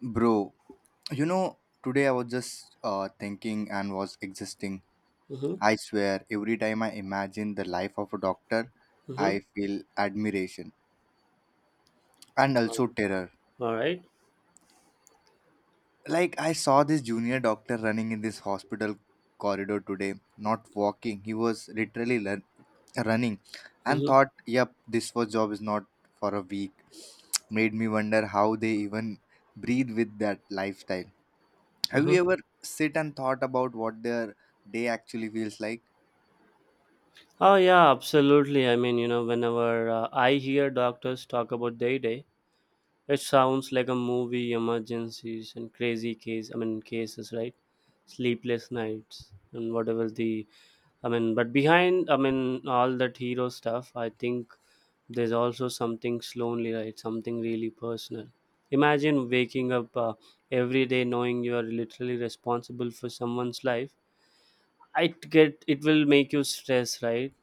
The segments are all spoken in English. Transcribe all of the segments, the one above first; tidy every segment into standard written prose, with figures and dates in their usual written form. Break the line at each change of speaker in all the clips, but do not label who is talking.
Bro, you know, today I was just thinking and was existing.
Mhm,
I swear, every time I imagine the life of a doctor, I
mhm.
feel admiration and also terror.
All right.
Like, I saw this junior doctor running in this hospital corridor today, not walking. He was literally running and
Mhm,
thought, yep, this was job is not for a week. Made me wonder how they even breathe with that lifestyle. Have
mhm.
you ever sit and thought about what their day actually feels like?
Oh yeah, absolutely. I mean, you know, whenever I hear doctors talk about day, it sounds like a movie, emergencies and crazy case. I mean, cases, right? Sleepless nights and whatever the. I mean, but behind, I mean, all that hero stuff, I think there's also something lonely, right? Something really personal. Imagine waking up every day knowing you are literally responsible for someone's life. I get it will make you stress, right?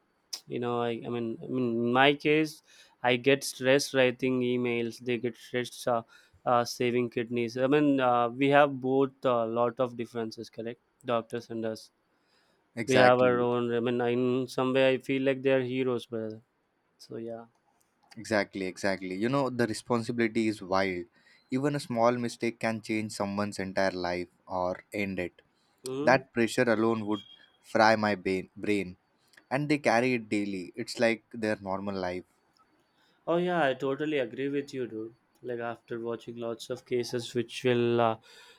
You know, I mean, in my case, I get stressed writing emails. They get stressed saving kidneys. I mean, we have both a lot of differences, correct? Doctors and us. We have our
Exactly,
own. I mean, in some way, I feel like they are heroes, brother. So yeah.
exactly, exactly. The responsibility is wild. Even a small mistake can change someone's entire life or end it.
Hmm.
That pressure alone would fry my brain, and they carry it daily. It's like their normal life.
Oh yeah, I totally agree with you, dude. Like after watching lots of cases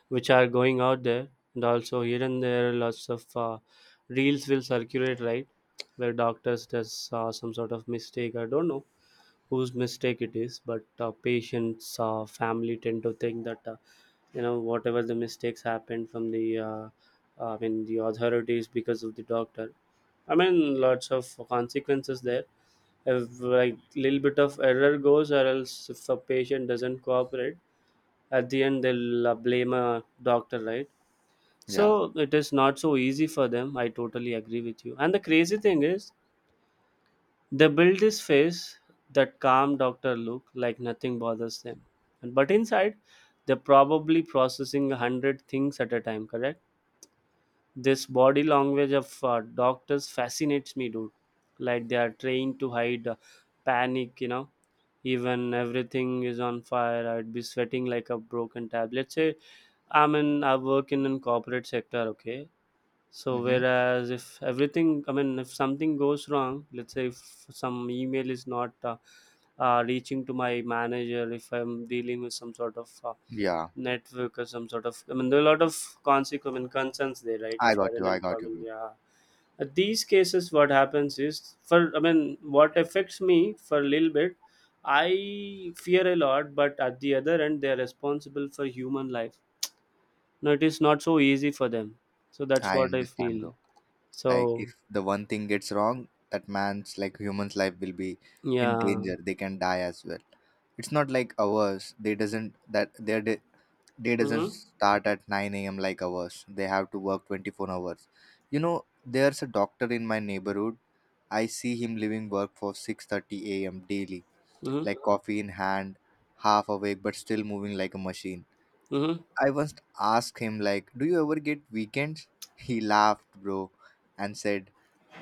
which are going out there, and also here and there, lots of reels will circulate, right? Where doctors does some sort of mistake. I don't know whose mistake it is, but patients, family tend to think that you know whatever the mistakes happened from the, I mean the authorities because of the doctor. I mean, lots of consequences there if like little bit of error goes, or else if a patient doesn't cooperate, at the end they'll blame a doctor, right?
Yeah.
So it is not so easy for them. I totally agree with you. And the crazy thing is they build this face, that calm doctor look, like nothing bothers them. But inside they're probably processing a hundred things at a time, correct? This body language of doctors fascinates me, dude. Like they are trained to hide panic, you know, even everything is on fire. I'd be sweating like a broken tab, let's say. I work in a corporate sector, okay? So
Mm-hmm.
whereas if everything, I mean, if something goes wrong, let's say if some email is not reaching to my manager, if I'm dealing with some sort of
Yeah.
network or some sort of, I mean, there are a lot of consequence I mean, concerns there, right?
I
If you
got
are
you.
in
I got you,
employment,
bro.
yeah. These cases what happens is, for, I mean, what affects me, for a little bit I fear a lot, but at the other end they are responsible for human life. No, it is not so easy for them. So that's
I
what I
understand,
feel.
bro. Like,
So
if the one thing gets wrong, that man's like human's life will be in
yeah.
danger. They can die as well. It's not like ours. They doesn't that their day doesn't
Mm-hmm,
start at 9 a.m. like ours. They have to work 24 hours. There's a doctor in my neighborhood. I see him leaving work for 6:30 a.m. daily,
mm-hmm,
like coffee in hand, half awake but still moving like a machine.
mm-hmm.
I once asked him like, "Do you ever get weekends?" He laughed, bro, and said,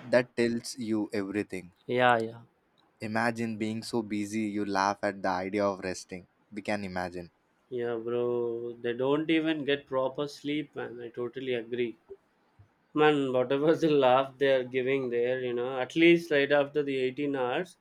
"That tells you everything."
Yeah, yeah,
Imagine being so busy you laugh at the idea of resting. We can imagine.
yeah, bro, they don't even get proper sleep, man, I totally agree. Man, whatever the laugh they are giving there, you know, at least right after the 18 hours,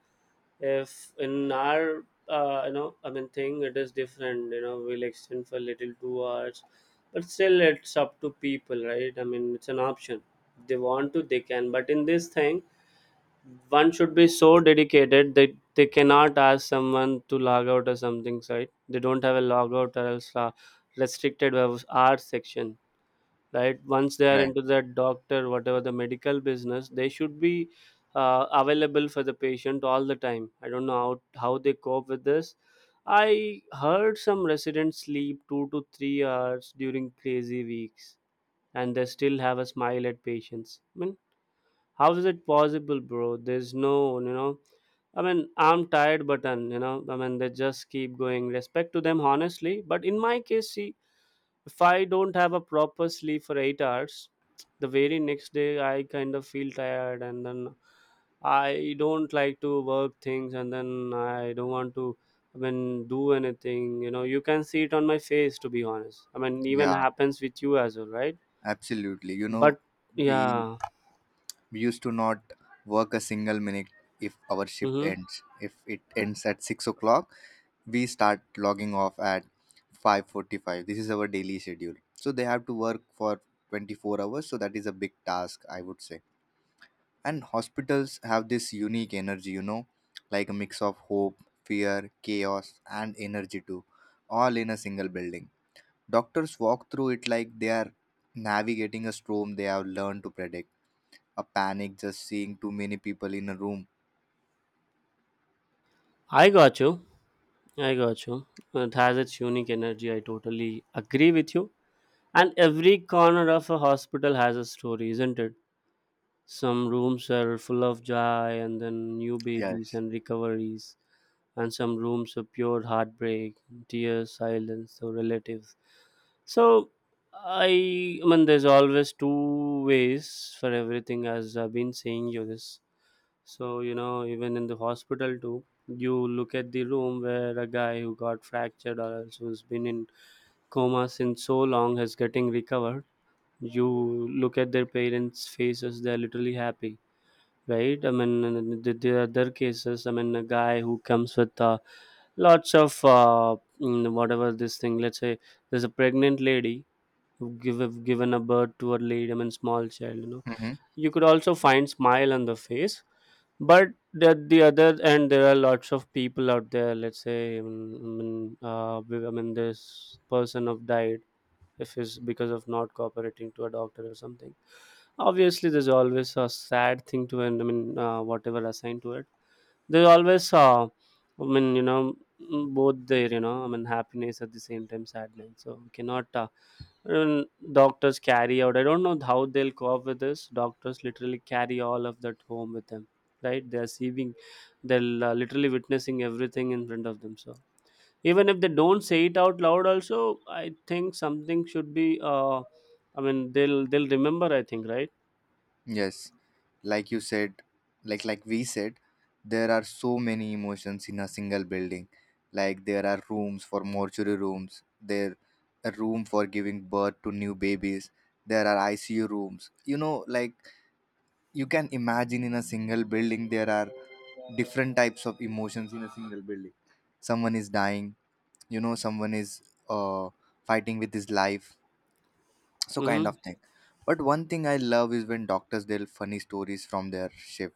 if in our, you know, I mean, thing, it is different, you know, we'll extend for little 2 hours, but still it's up to people, right? I mean, it's an option. If they want to, they can. But in this thing, one should be so dedicated that they cannot ask someone to log out or something, right? They don't have a log out, or else restricted hours section, right? Once they are into that doctor, whatever the medical business, they should be available for the patient all the time. I don't know how they cope with this. I heard some residents sleep 2 to 3 hours during crazy weeks and they still have a smile at patients. I mean, how is it possible, bro? There's no, you know, I mean, I'm tired, but you know, I mean, they just keep going. Respect to them, honestly. But in my case, see, if I don't have a proper sleep for 8 hours, the very next day I kind of feel tired, and then I don't like to work things, and then I don't want to, I mean, do anything, you know? You can see it on my face, to be honest. I mean, even
Yeah,
happens with you as well, right?
absolutely.
But
We
yeah.
we used to not work a single minute if our shift
Hmm.
ends. If it ends at 6 o'clock, we start logging off at 5:45. This is our daily schedule. So they have to work for 24 hours. So that is a big task, I would say. And hospitals have this unique energy, like a mix of hope, fear, chaos, and energy too, all in a single building. Doctors walk through it like they are navigating a storm they have learned to predict, a panic just seeing too many people in a room.
I got you, I got you. It has its unique energy, I totally agree with you. And every corner of a hospital has a story, isn't it? Some rooms are full of joy and then new babies
Yes.
and recoveries, and some rooms are pure heartbreak, tears, silence, or relatives. So i i mean, there's always two ways for everything, as I've been saying you this. So you know, even in the hospital too, you look at the room where a guy who got fractured or else who's been in coma since so long is getting recovered, you look at their parents faces, they're literally happy, right? I mean, and then the other cases, I mean, a guy who comes with lots of whatever this thing, let's say there's a pregnant lady who have given a birth to a lady, I mean, small child, you know.
Hmm.
You could also find smile on the face, but at the other end, there are lots of people out there, let's say, I mean, uh, I mean, this person have died. If it's because of not cooperating to a doctor or something, obviously there's always a sad thing to end. I mean, whatever assigned to it, there's always, I mean, you know, both there, you know, I mean, happiness at the same time sadness. So we cannot, um, doctors carry out, I don't know how they'll cope with this. Doctors literally carry all of that home with them, right? They're seeing, they'll literally witnessing everything in front of them. So even if they don't say it out loud also, I think something should be, I mean, they'll remember, I think, right?
Yes. Like you said, like we said, there are so many emotions in a single building. Like there are rooms for mortuary rooms, there a room for giving birth to new babies, there are ICU rooms. Like you can imagine in a single building there are different types of emotions in a single building. Someone is dying, you know someone is uh, fighting with his life, so kind of
Mm-hmm.
thing. But one thing I love is when doctors tell funny stories from their shift,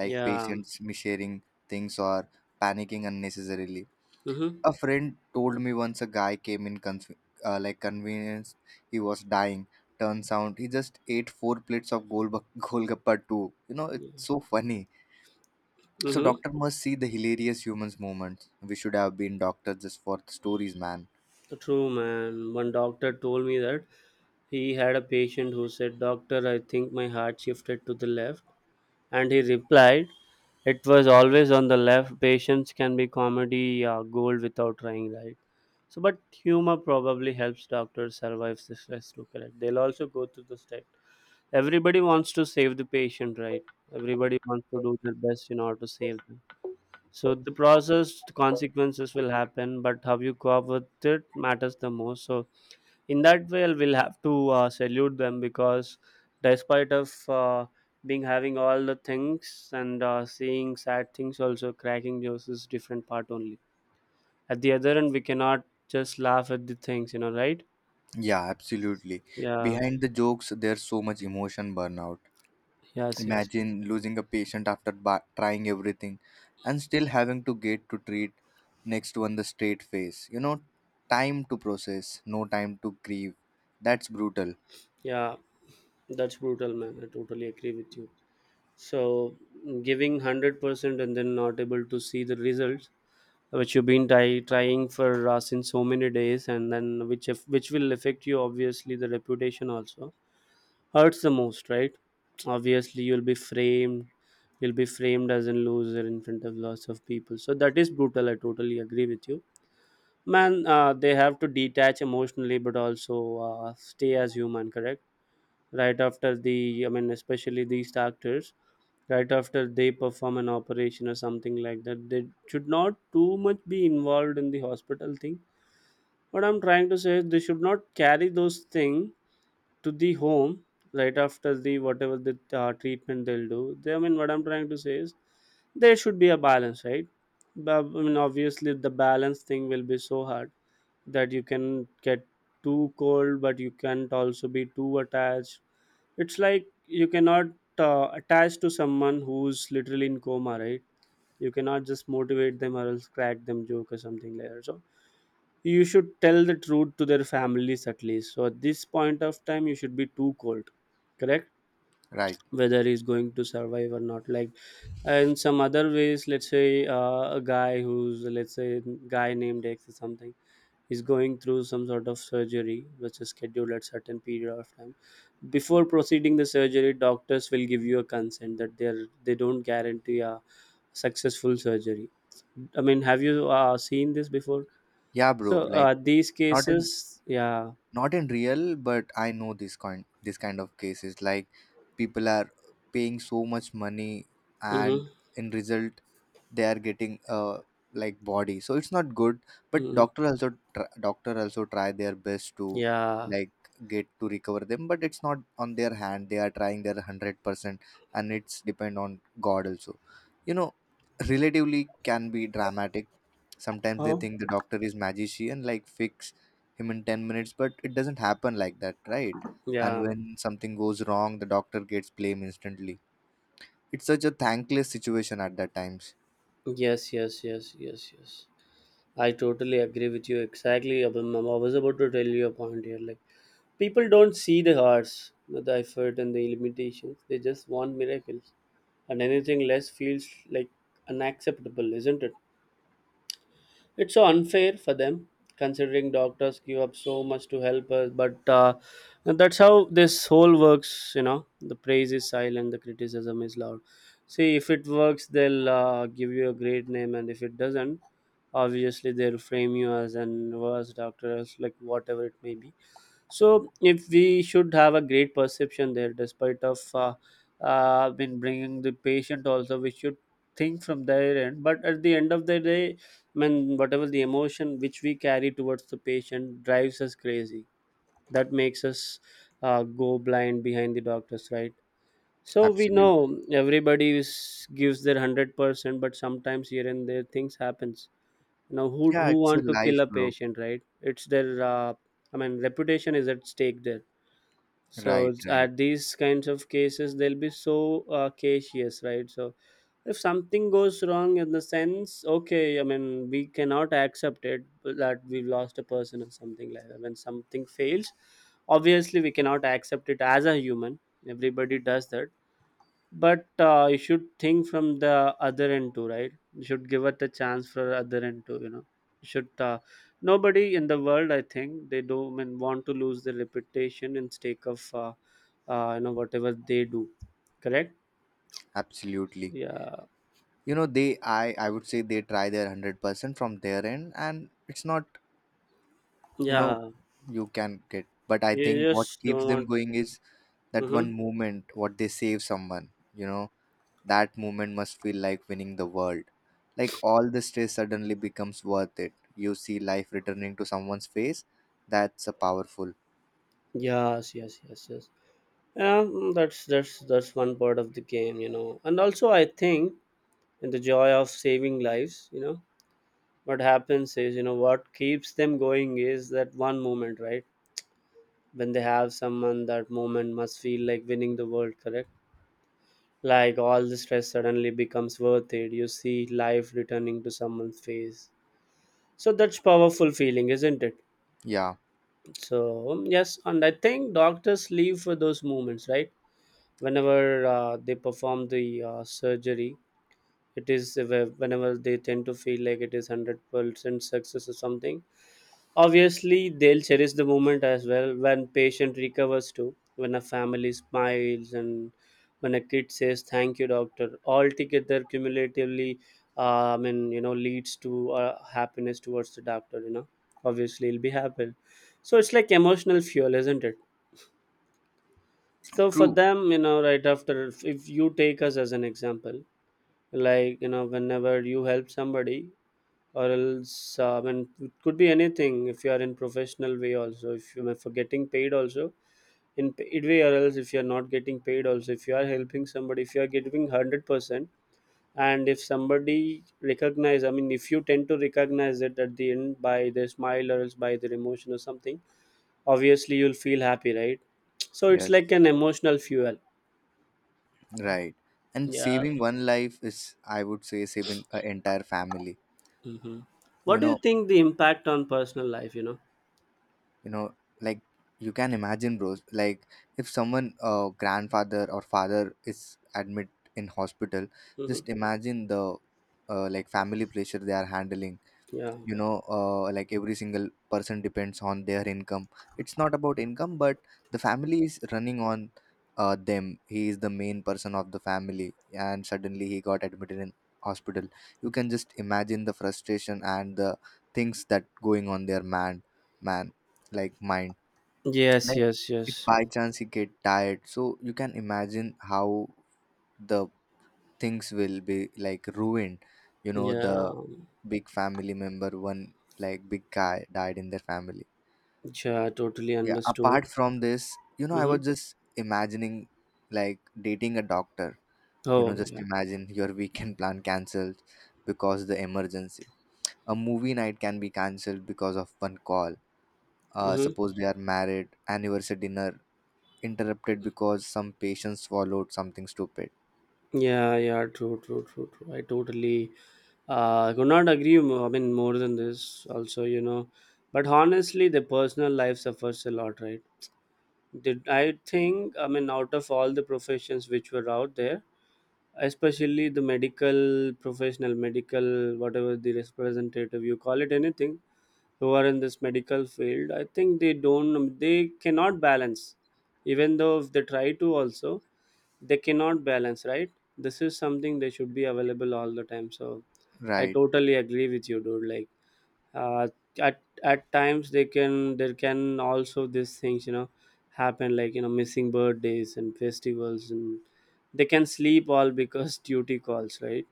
like
Yeah.
patients mishearing things or panicking unnecessarily.
Mm-hmm.
A friend told me once a guy came in like convenience. He was dying. Turns out he just ate four plates of golgappa too.
Yeah.
It's so funny. So
Mm-hmm.
doctor must see the hilarious humans moments. We should have been doctors just for the stories, man.
True, man. One doctor told me that he had a patient who said, doctor, I think my heart shifted to the left, and he replied, it was always on the left. Patients can be comedy gold without trying, right? So but humor probably helps doctors survive the stress. Look at it, they'll also go through the step. Everybody wants to save the patient, right? Everybody wants to do their best in order to save them. So the process, the consequences will happen, but how you cope with it matters the most. So in that way we'll have to salute them, because despite of being having all the things and seeing sad things, also cracking jokes is different part only. At the other end we cannot just laugh at the things, you know, right?
Yeah, absolutely.
Yeah,
Behind the jokes, there's so much emotion burnout.
yes, yes,
Imagine losing a patient after trying everything and still having to get to treat next one the straight face. Time to process, no time to grieve. That's brutal,
yeah, that's brutal, man, I totally agree with you. So giving 100% and then not able to see the results which you've been trying for, since so many days, and then which if, which will affect you, obviously the reputation also hurts the most, right? Obviously you'll be framed as a loser in front of lots of people. So that is brutal. I totally agree with you, man. They have to detach emotionally, but also stay as human, correct? Right after the, I mean, especially these actors, right after they perform an operation or something like that, they should not too much be involved in the hospital thing. What I'm trying to say is they should not carry those things to the home right after the, whatever the treatment they'll do. They, I mean, what I'm trying to say is there should be a balance, right? But, I mean, obviously, the balance thing will be so hard that you can get too cold, but you can't also be too attached. It's like you cannot attach to someone who's literally in coma, right? You cannot just motivate them or else crack them joke or something like that. So you should tell the truth to their families at least. So at this point of time, you should be too cold, correct?
right?
Whether he's going to survive or not. Like, and some other ways, let's say a guy who's let's say guy named X or something is going through some sort of surgery which is scheduled at certain period of time. Before proceeding the surgery, doctors will give you a consent that they don't guarantee a successful surgery. I mean, have you seen this before?
Yeah, bro.
So
Like,
these
not in
cases, yeah.
not in real but I know this kind of cases, like people are paying so much money and
Hmm,
in result they are getting like body, so it's not good. But
hmm.
doctor also try their best to,
Yeah.
like, get to recover them, but it's not on their hand. They are trying their 100% and it's depend on god also. you know Relatively can be dramatic. Sometimes they
Huh?
think the doctor is magician, like fix him in 10 minutes, but it doesn't happen like that, right? And
Yeah.
when something goes wrong the doctor gets blame instantly. It's such a thankless situation at that times.
Yes, yes, yes, yes, yes. I totally agree with you exactly. Abhim, I was about to tell you a point here. Like, people don't see the hearts, the effort, and the limitations. They just want miracles, and anything less feels like unacceptable, isn't it? It's so unfair for them, considering doctors give up so much to help us. But that's how this whole works. You know, the praise is silent, the criticism is loud. See, if it works, they'll give you a great name, and if it doesn't, obviously they'll frame you as an worse doctor, as like whatever it may be. So if we should have a great perception there, despite of been bringing the patient also, we should think from their end. But at the end of the day, I mean, whatever the emotion which we carry towards the patient drives us crazy. That makes us go blind behind the doctors, right? So we
Absolutely.
know everybody is, gives their 100%, but sometimes here and there things happens. You know who
Yeah,
who
it's a
want to kill
life,
a
bro.
patient, right? It's their I mean reputation is at stake there so
Right, right.
at these kinds of cases, they'll be so cautious, right? So if something goes wrong in the sense, okay, I mean, we cannot accept it that we've lost a person or something like that. When something fails, obviously we cannot accept it as a human. Everybody does that but you should think from the other end too, right? You should give it a chance for other end too, you know, you should nobody in the world I think they don't, I mean, want to lose their reputation in stake of you know, whatever they do. Correct.
Absolutely.
Yeah,
You know, they, I would say they try their 100% from their end, and it's not, you know
yeah,
you can get, but I
you
think what
just
keeps
don't
them
want.
going is that one
Mm-hmm.
moment what they save someone. you know That moment must feel like winning the world. Like all the stress suddenly becomes worth it. You see life returning to someone's face. That's a powerful.
Yes, yes, yes, yes, yeah, that's one part of the game, you know, and also I think in the joy of saving lives, you know, what happens is, you know, what keeps them going is that one moment, right? When they have someone, that moment must feel like winning the world, correct? Like all the stress suddenly becomes worth it. You see life returning to someone's face. So that's powerful feeling, isn't it?
Yeah,
So yes, and I think doctors leave for those moments, right? Whenever they perform the surgery, it is whenever they tend to feel like it is 100% success or something. Obviously, they'll cherish the moment as well when patient recovers too, when a family smiles and when a kid says thank you, doctor. All together cumulatively, I mean, you know, leads to happiness towards the doctor. You know, obviously, he'll be happy. So it's like emotional fuel, isn't it? So for
true.
them, you know, right after, if you take us as an example, like you know, whenever you help somebody, or else when it could be anything, if you are in professional way also, if you are for getting paid also, in paid way, or else if you are not getting paid also, if you are helping somebody, if you are giving 100%, and if somebody recognize, I mean, if you tend to recognize it at the end by their smile or else by their emotion or something, obviously you'll feel happy, right? So it's
Yes,
like an emotional fuel.
right. And
Yeah.
saving one life is, I would say, saving an entire family.
Hmm.
You
What do you
know,
think the impact on personal life, you know?
you know, like you can imagine, bros. Like if someone, grandfather or father is admit in hospital,
Hmm.
just imagine the, like family pressure they are handling.
Yeah.
Like every single person depends on their income. It's not about income but the family is running on them. He is the main person of the family and suddenly he got admitted in hospital. You can just imagine the frustration and the things that going on their man man, like mind.
Yes,
Like
yes,
if
yes.
by chance he get tired, so you can imagine how the things will be like ruined. The
Yeah,
big family member one, like big guy died in their family.
yeah, I totally
Yeah, apart
understood.
from this, I was
Mm-hmm.
just imagining like dating a doctor. you know
Oh,
just
yeah.
imagine your weekend plan cancelled because the emergency. A movie night can be cancelled because of one call. uh,
Mm-hmm.
suppose they are married anniversary dinner interrupted because some patient swallowed something stupid.
Yeah, yeah, true, true, true, true. I totally could not agree more, I mean more than this also, you know. But honestly, the personal life suffers a lot, right? Did I think, I mean, out of all the professions which were out there, especially the medical professional, medical, whatever the representative you call it, anything, who are in this medical field, I think they don't, they cannot balance, even though if they try to also, they cannot balance, right? This is something they should be available all the time. So I
Right,
totally agree with you, dude. Like uh, at at times they can, there can also these things, you know, happen like, you know, missing birthdays and festivals, and they can sleep all because duty calls, right?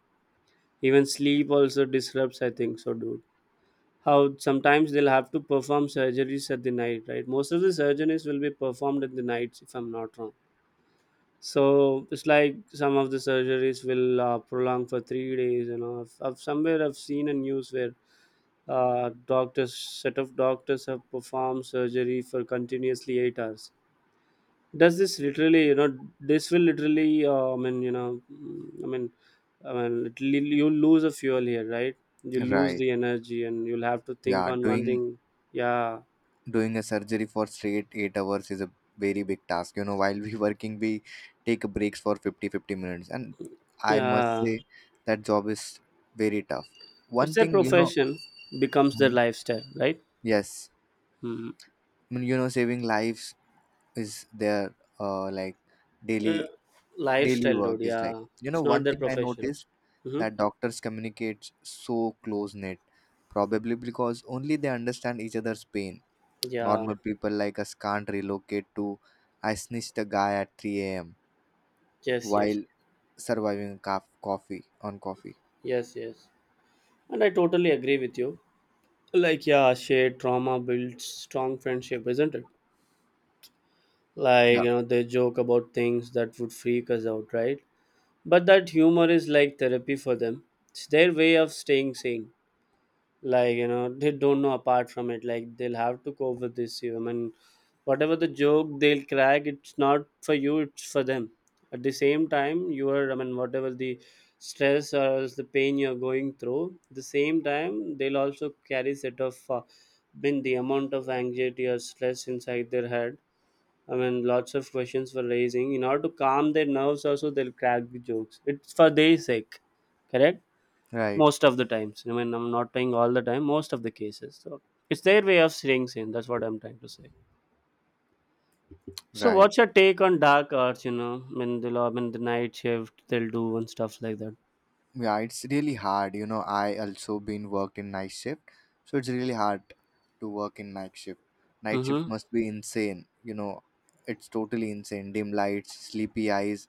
Even sleep also disrupts, I think so, dude. How sometimes they'll have to perform surgeries at the night, right? Most of the surgeries will be performed at the nights, if I'm not wrong. So it's like some of the surgeries will prolong for three days. You know, I've somewhere I've seen a news where doctors, set of doctors have performed surgery for continuously eight hours. Does this literally, you know, this will literally I mean, you know, I mean, I mean literally you lose a fuel here, right? You lose
right.
the energy and you'll have to think
Yeah,
on one
doing
thing. Yeah.
doing a surgery for straight 8 hours is a very big task. You know while we working we take breaks for 50-50 minutes and I must
Yeah,
say that job is very tough.
it's
One
their
thing.
profession becomes their
Mhm.
lifestyle, right?
Yes,
Hmm.
I mean, saving lives is their, like daily
uh,
daily
Lifestyle,
work
dude.
is like.
Yeah, it's not
One
their
thing I
profession.
noticed
Mm-hmm.
that doctors communicate so close knit, probably because only they understand each other's pain.
Yeah,
Normal people like us can't relocate to. I snitched the guy at 3 a.m.
yes, yes,
while surviving coffee on coffee.
yes. Yes, and I totally agree with you. Like yeah, shared trauma builds strong friendship, isn't it? Like
Yeah,
you know, they joke about things that would freak us out, right? But that humor is like therapy for them. It's their way of staying sane. Like you know, they don't know apart from it, like they'll have to cope with this serum, and whatever the joke they'll crack, it's not for you, it's for them. At the same time you are, I mean, whatever the stress or else the pain you're going through, the same time they'll also carry set of been the amount of anxiety or stress inside their head. I mean, lots of questions were raising. In order to calm their nerves, also they'll crack the jokes. It's for their sake, correct?
right,
Most of the times. I mean, I'm not saying all the time. Most of the cases. So it's their way of staying sane. That's what I'm trying to say. So
right.
what's your take on dark arts? You know, I mean, they'll, I mean the night shift they'll do and stuff like that.
Yeah, it's really hard. I also been worked in night shift, so it's really hard to work in night shift. Night shift
Mm-hmm.
must be insane. It's totally insane. Dim lights, sleepy eyes,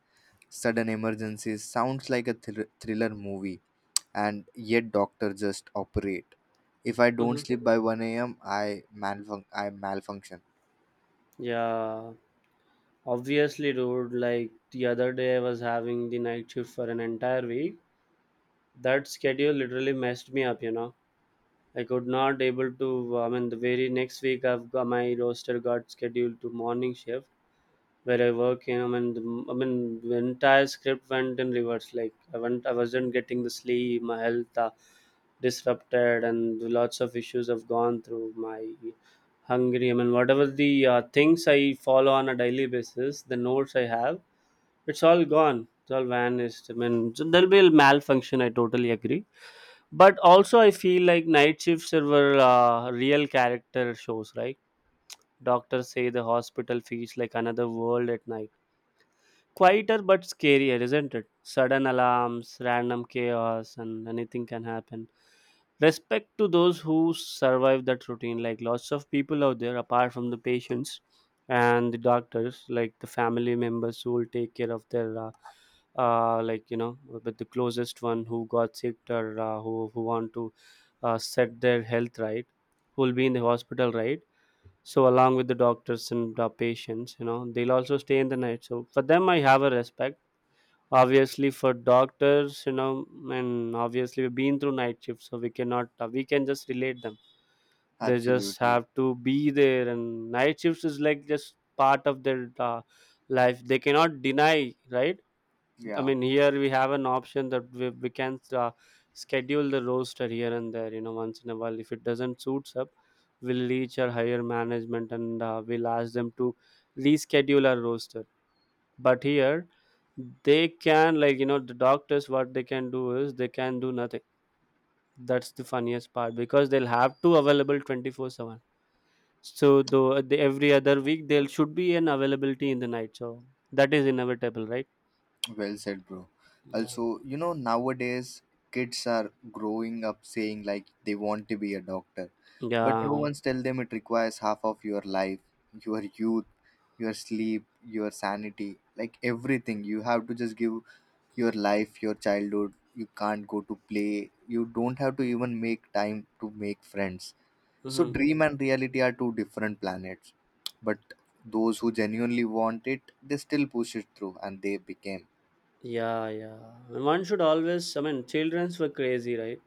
sudden emergencies. Sounds like a thriller movie and yet doctor, just operate. If I don't
Mm-hmm.
sleep by 1 a.m., I malfunction.
Yeah, obviously, dude. Like the other day, I was having the night shift for an entire week. That schedule literally messed me up. You know. I could not able to. I mean, the very next week, I've got my roster got scheduled to morning shift where I work. You know, I mean, the entire script went in reverse. Like I went, I wasn't getting the sleep. My health disrupted, and lots of issues I've gone through. My hungry. I mean, whatever the things I follow on a daily basis, the notes I have, it's all gone. It's all vanished. I mean, so there'll be a malfunction. I totally agree, but also, I feel like night shifts were real character shows, right? Doctors say the hospital feels like another world at night. Quieter but scarier, isn't it? Sudden alarms, random chaos, and anything can happen. Respect to those who survive that routine, like lots of people out there, apart from the patients and the doctors, like the family members who will take care of their like you know with the closest one who got sick or who want to set their health right, who will be in the hospital, right? So along with the doctors and the patients, you know, they'll also stay in the night, so for them I have a respect, obviously for doctors, you know. And obviously we've been through night shifts, so we cannot we can just relate them. They just
Absolutely.
have to be there, and night shifts is like just part of their life, they cannot deny, right? I
Yeah.
mean, here we have an option that we can schedule the roster here and there, you know, once in a while. If it doesn't suits up, we'll reach our higher management and we'll ask them to reschedule our roster. But here, they can, like, you know, the doctors, what they can do is they can do nothing. That's the funniest part because they'll have to available 24/7. So, though the, every other week, there should be an availability in the night. So, that is inevitable, right?
Well said, bro.
Yeah.
Also, nowadays kids are growing up saying like they want to be a doctor, but
Yeah.
no one's tell them it requires half of your life, your youth, your sleep, your sanity, like everything. You have to just give your life, your childhood. You can't go to play. You don't have to even make time to make friends. So,
Hmm.
dream and reality are two different planets, but those who genuinely want it, they still push it through and they became.
Yeah, yeah. And one should always, I mean, childrens were crazy, right?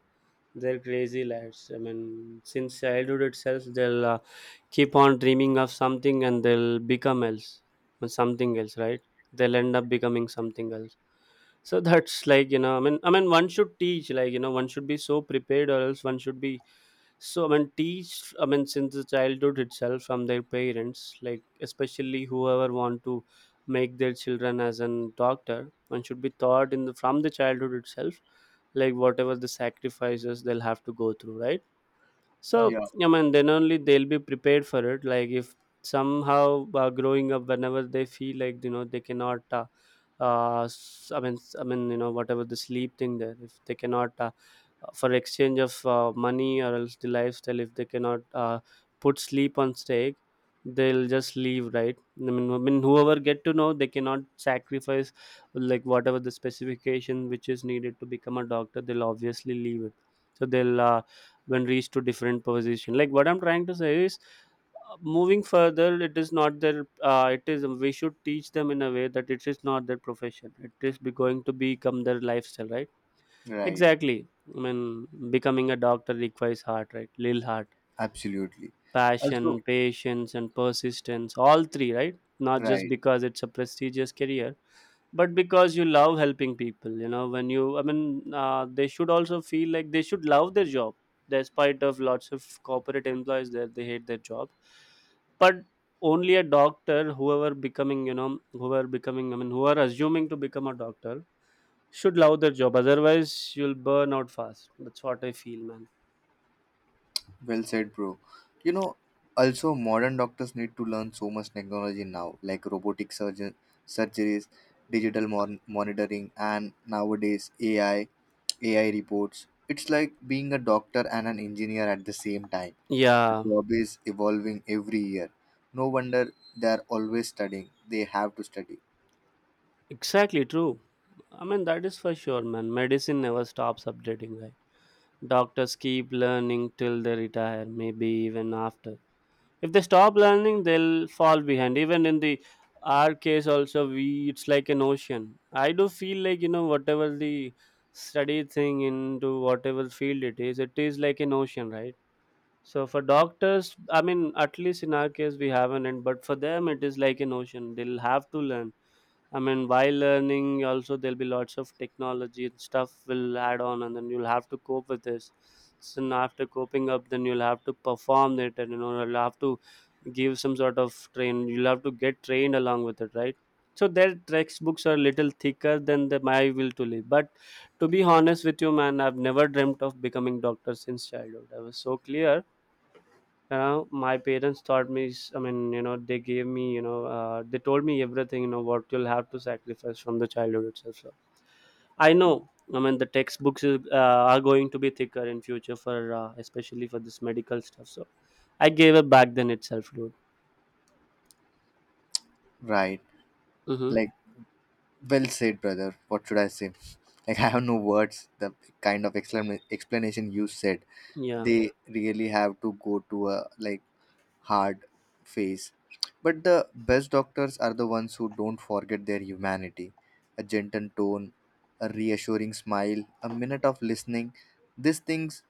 They're crazy lads. I mean, since childhood itself, they'll keep on dreaming of something and they'll become else, something else, right? They'll end up becoming something else. So that's like, you know, I mean, one should teach, like, you know, one should be so prepared or else one should be so, I mean, teach. I mean, since the childhood itself from their parents, like especially whoever want to make their children as an doctor, one should be taught in the from the childhood itself, like whatever the sacrifices they'll have to go through, right? So,
Yeah,
I mean, then only they'll be prepared for it. Like, if somehow growing up, whenever they feel like, you know, they cannot, I mean, I mean, you know, whatever the sleep thing there, if they cannot, for exchange of money or else the lifestyle, if they cannot put sleep on stake, they'll just leave, right? I mean, whoever get to know, they cannot sacrifice like whatever the specification which is needed to become a doctor, they'll obviously leave it. So they'll. When reached to different position, like what I'm trying to say is, moving further, it is not their it is, we should teach them in a way that it is not their profession, it is be going to become their lifestyle, right?
right.
Exactly. I mean, becoming a doctor requires heart, right? Little heart,
Absolutely.
passion,
Also,
patience and persistence, all three, right? Not just
right.
because it's a prestigious career, but because you love helping people. You know, when you, they should also feel like they should love their job, despite of lots of corporate employees that they hate their job. But only a doctor, whoever becoming, you know, whoever becoming, I mean, who are assuming to become a doctor, should love their job, otherwise you'll burn out fast. That's what I feel, man.
Well said, bro. You know, also, modern doctors need to learn so much technology now, like robotic surgeon surgeries, digital monitoring, and nowadays AI, AI reports. It's like being a doctor and an engineer at the same time. The
Yeah,
job is evolving every year. No wonder they're always studying. They have to study.
exactly, true. I mean, that is for sure, man. Medicine never stops updating, right? Doctors keep learning till they retire, maybe even after. If they stop learning, they'll fall behind. Even in the our case, also we, it's like an ocean. I do feel like, you know, whatever the study thing into whatever field it is like an ocean, right? So for doctors, I mean, at least in our case, we haven't. And but for them, it is like an ocean. They'll have to learn, I mean, while learning, also there'll be lots of technology and stuff will add on, and then you'll have to cope with this. So now after coping up, then you'll have to perform it, and you know you'll have to give some sort of train. You'll have to get trained along with it, right? So their textbooks are little thicker than the my will to live. But to be honest with you, man, I've never dreamt of becoming doctor since childhood. I was so clear. You know, my parents taught me I mean, you know, they gave me, you know, they told me everything, you know, what you'll have to sacrifice from the childhood itself. So I know. I mean, the textbooks is, are going to be thicker in future for especially for this medical stuff. So I gave up back then itself, dude.
Right.
Mm-hmm.
Like, well said, brother. What should I say? Like, I have no words. The kind of explanation you said,
Yeah.
they really have to go to a, like, hard phase. But the best doctors are the ones who don't forget their humanity. A gentle tone, a reassuring smile, a minute of listening. These things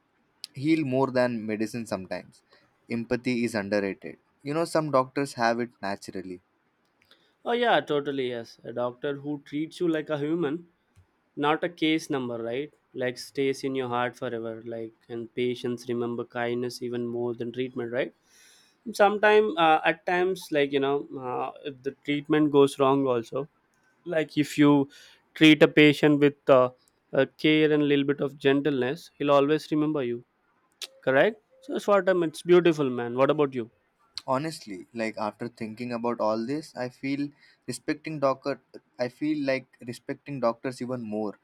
heal more than medicine sometimes. Empathy is underrated. Some doctors have it naturally.
Oh yeah, totally, yes. A doctor who treats you like a human, not a case number, right? Like, stays in your heart forever. Like, and patients remember kindness even more than treatment, right? Sometime, at times, like, you know, if the treatment goes wrong also, like if you treat a patient with care and a little bit of gentleness, he'll always remember you. Correct. So it's what I'm, it's beautiful, man. What about you?
Honestly, like after thinking about all this, I feel respecting doctor I feel like respecting doctors even more.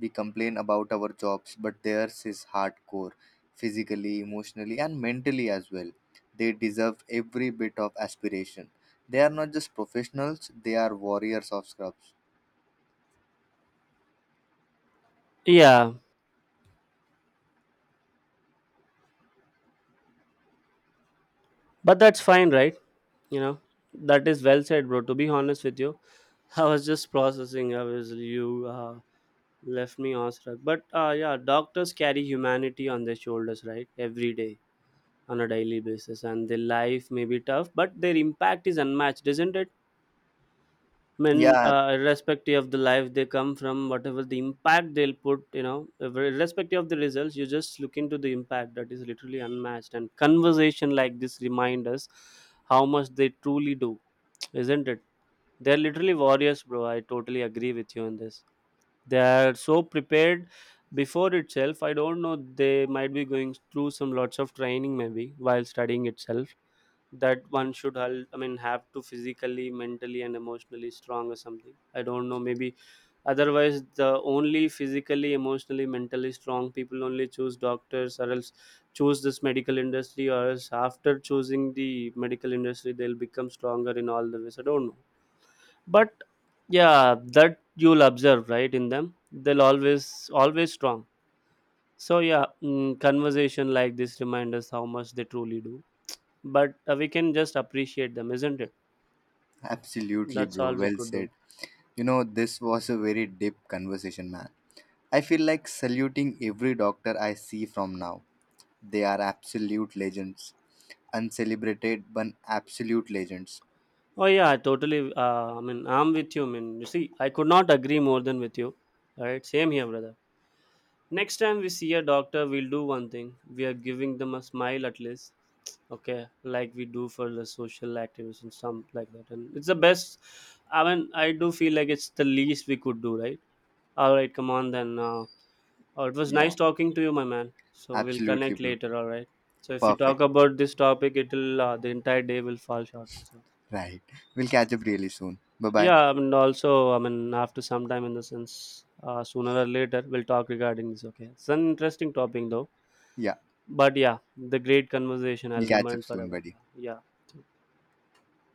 We complain about our jobs, but theirs is hardcore, physically, emotionally, and mentally as well. They deserve every bit of aspiration. They are not just professionals, they are warriors of scrubs.
Yeah, but that's fine, right? You know, that is well said, bro. To be honest with you, I was just processing, I was you, left me awestruck. But yeah, doctors carry humanity on their shoulders, right? Every day, on a daily basis. And their life may be tough, but their impact is unmatched, isn't it? I mean,
Yeah,
irrespective of the life they come from, whatever the impact they'll put, you know, if- irrespective of the results, you just look into the impact, that is literally unmatched. And conversation like this remind us how much they truly do, isn't it? They're literally warriors, bro. I totally agree with you on this. They are so prepared before itself. I don't know. They might be going through some lots of training maybe while studying itself, that one should I mean have to physically, mentally and emotionally strong or something, I don't know, maybe. Otherwise the only physically, emotionally, mentally strong people only choose doctors, or else choose this medical industry, or else after choosing the medical industry they'll become stronger in all the ways, I don't know. But yeah, that you'll observe, right, in them, they'll always, always strong. So yeah, conversation like this remind us how much they truly do. But we can just appreciate them, isn't it?
absolutely,
That's
bro.
all we
Well
could
said.
do.
This was a very deep conversation, man. I feel like saluting every doctor I see from now. They are absolute legends. Uncelebrated, but absolute legends.
Oh yeah, I totally, I mean, I'm with you. I mean, you see, I could not agree more than with you. All right, same here, brother. Next time we see a doctor, we'll do one thing, we are giving them a smile at least. Okay, like we do for the social activism, some like that, and it's the best. I mean, I do feel like it's the least we could do, right? All right, come on then. Oh, it was
Yeah,
nice talking to you, my man. So we'll
absolutely,
connect
bro.
later, all right? So if you
Perfect.
talk about this topic, it'll, the entire day will fall short, so.
Right. We'll catch up really soon. Bye bye.
Yeah, I mean, also, I mean, after some time, in the sense, sooner or later we'll talk regarding this, okay? It's an interesting topic though.
Yeah,
But yeah, the great conversation,
we'll
I'll
catch up
remind
soon,
forever.
buddy.
Yeah. Yeah, so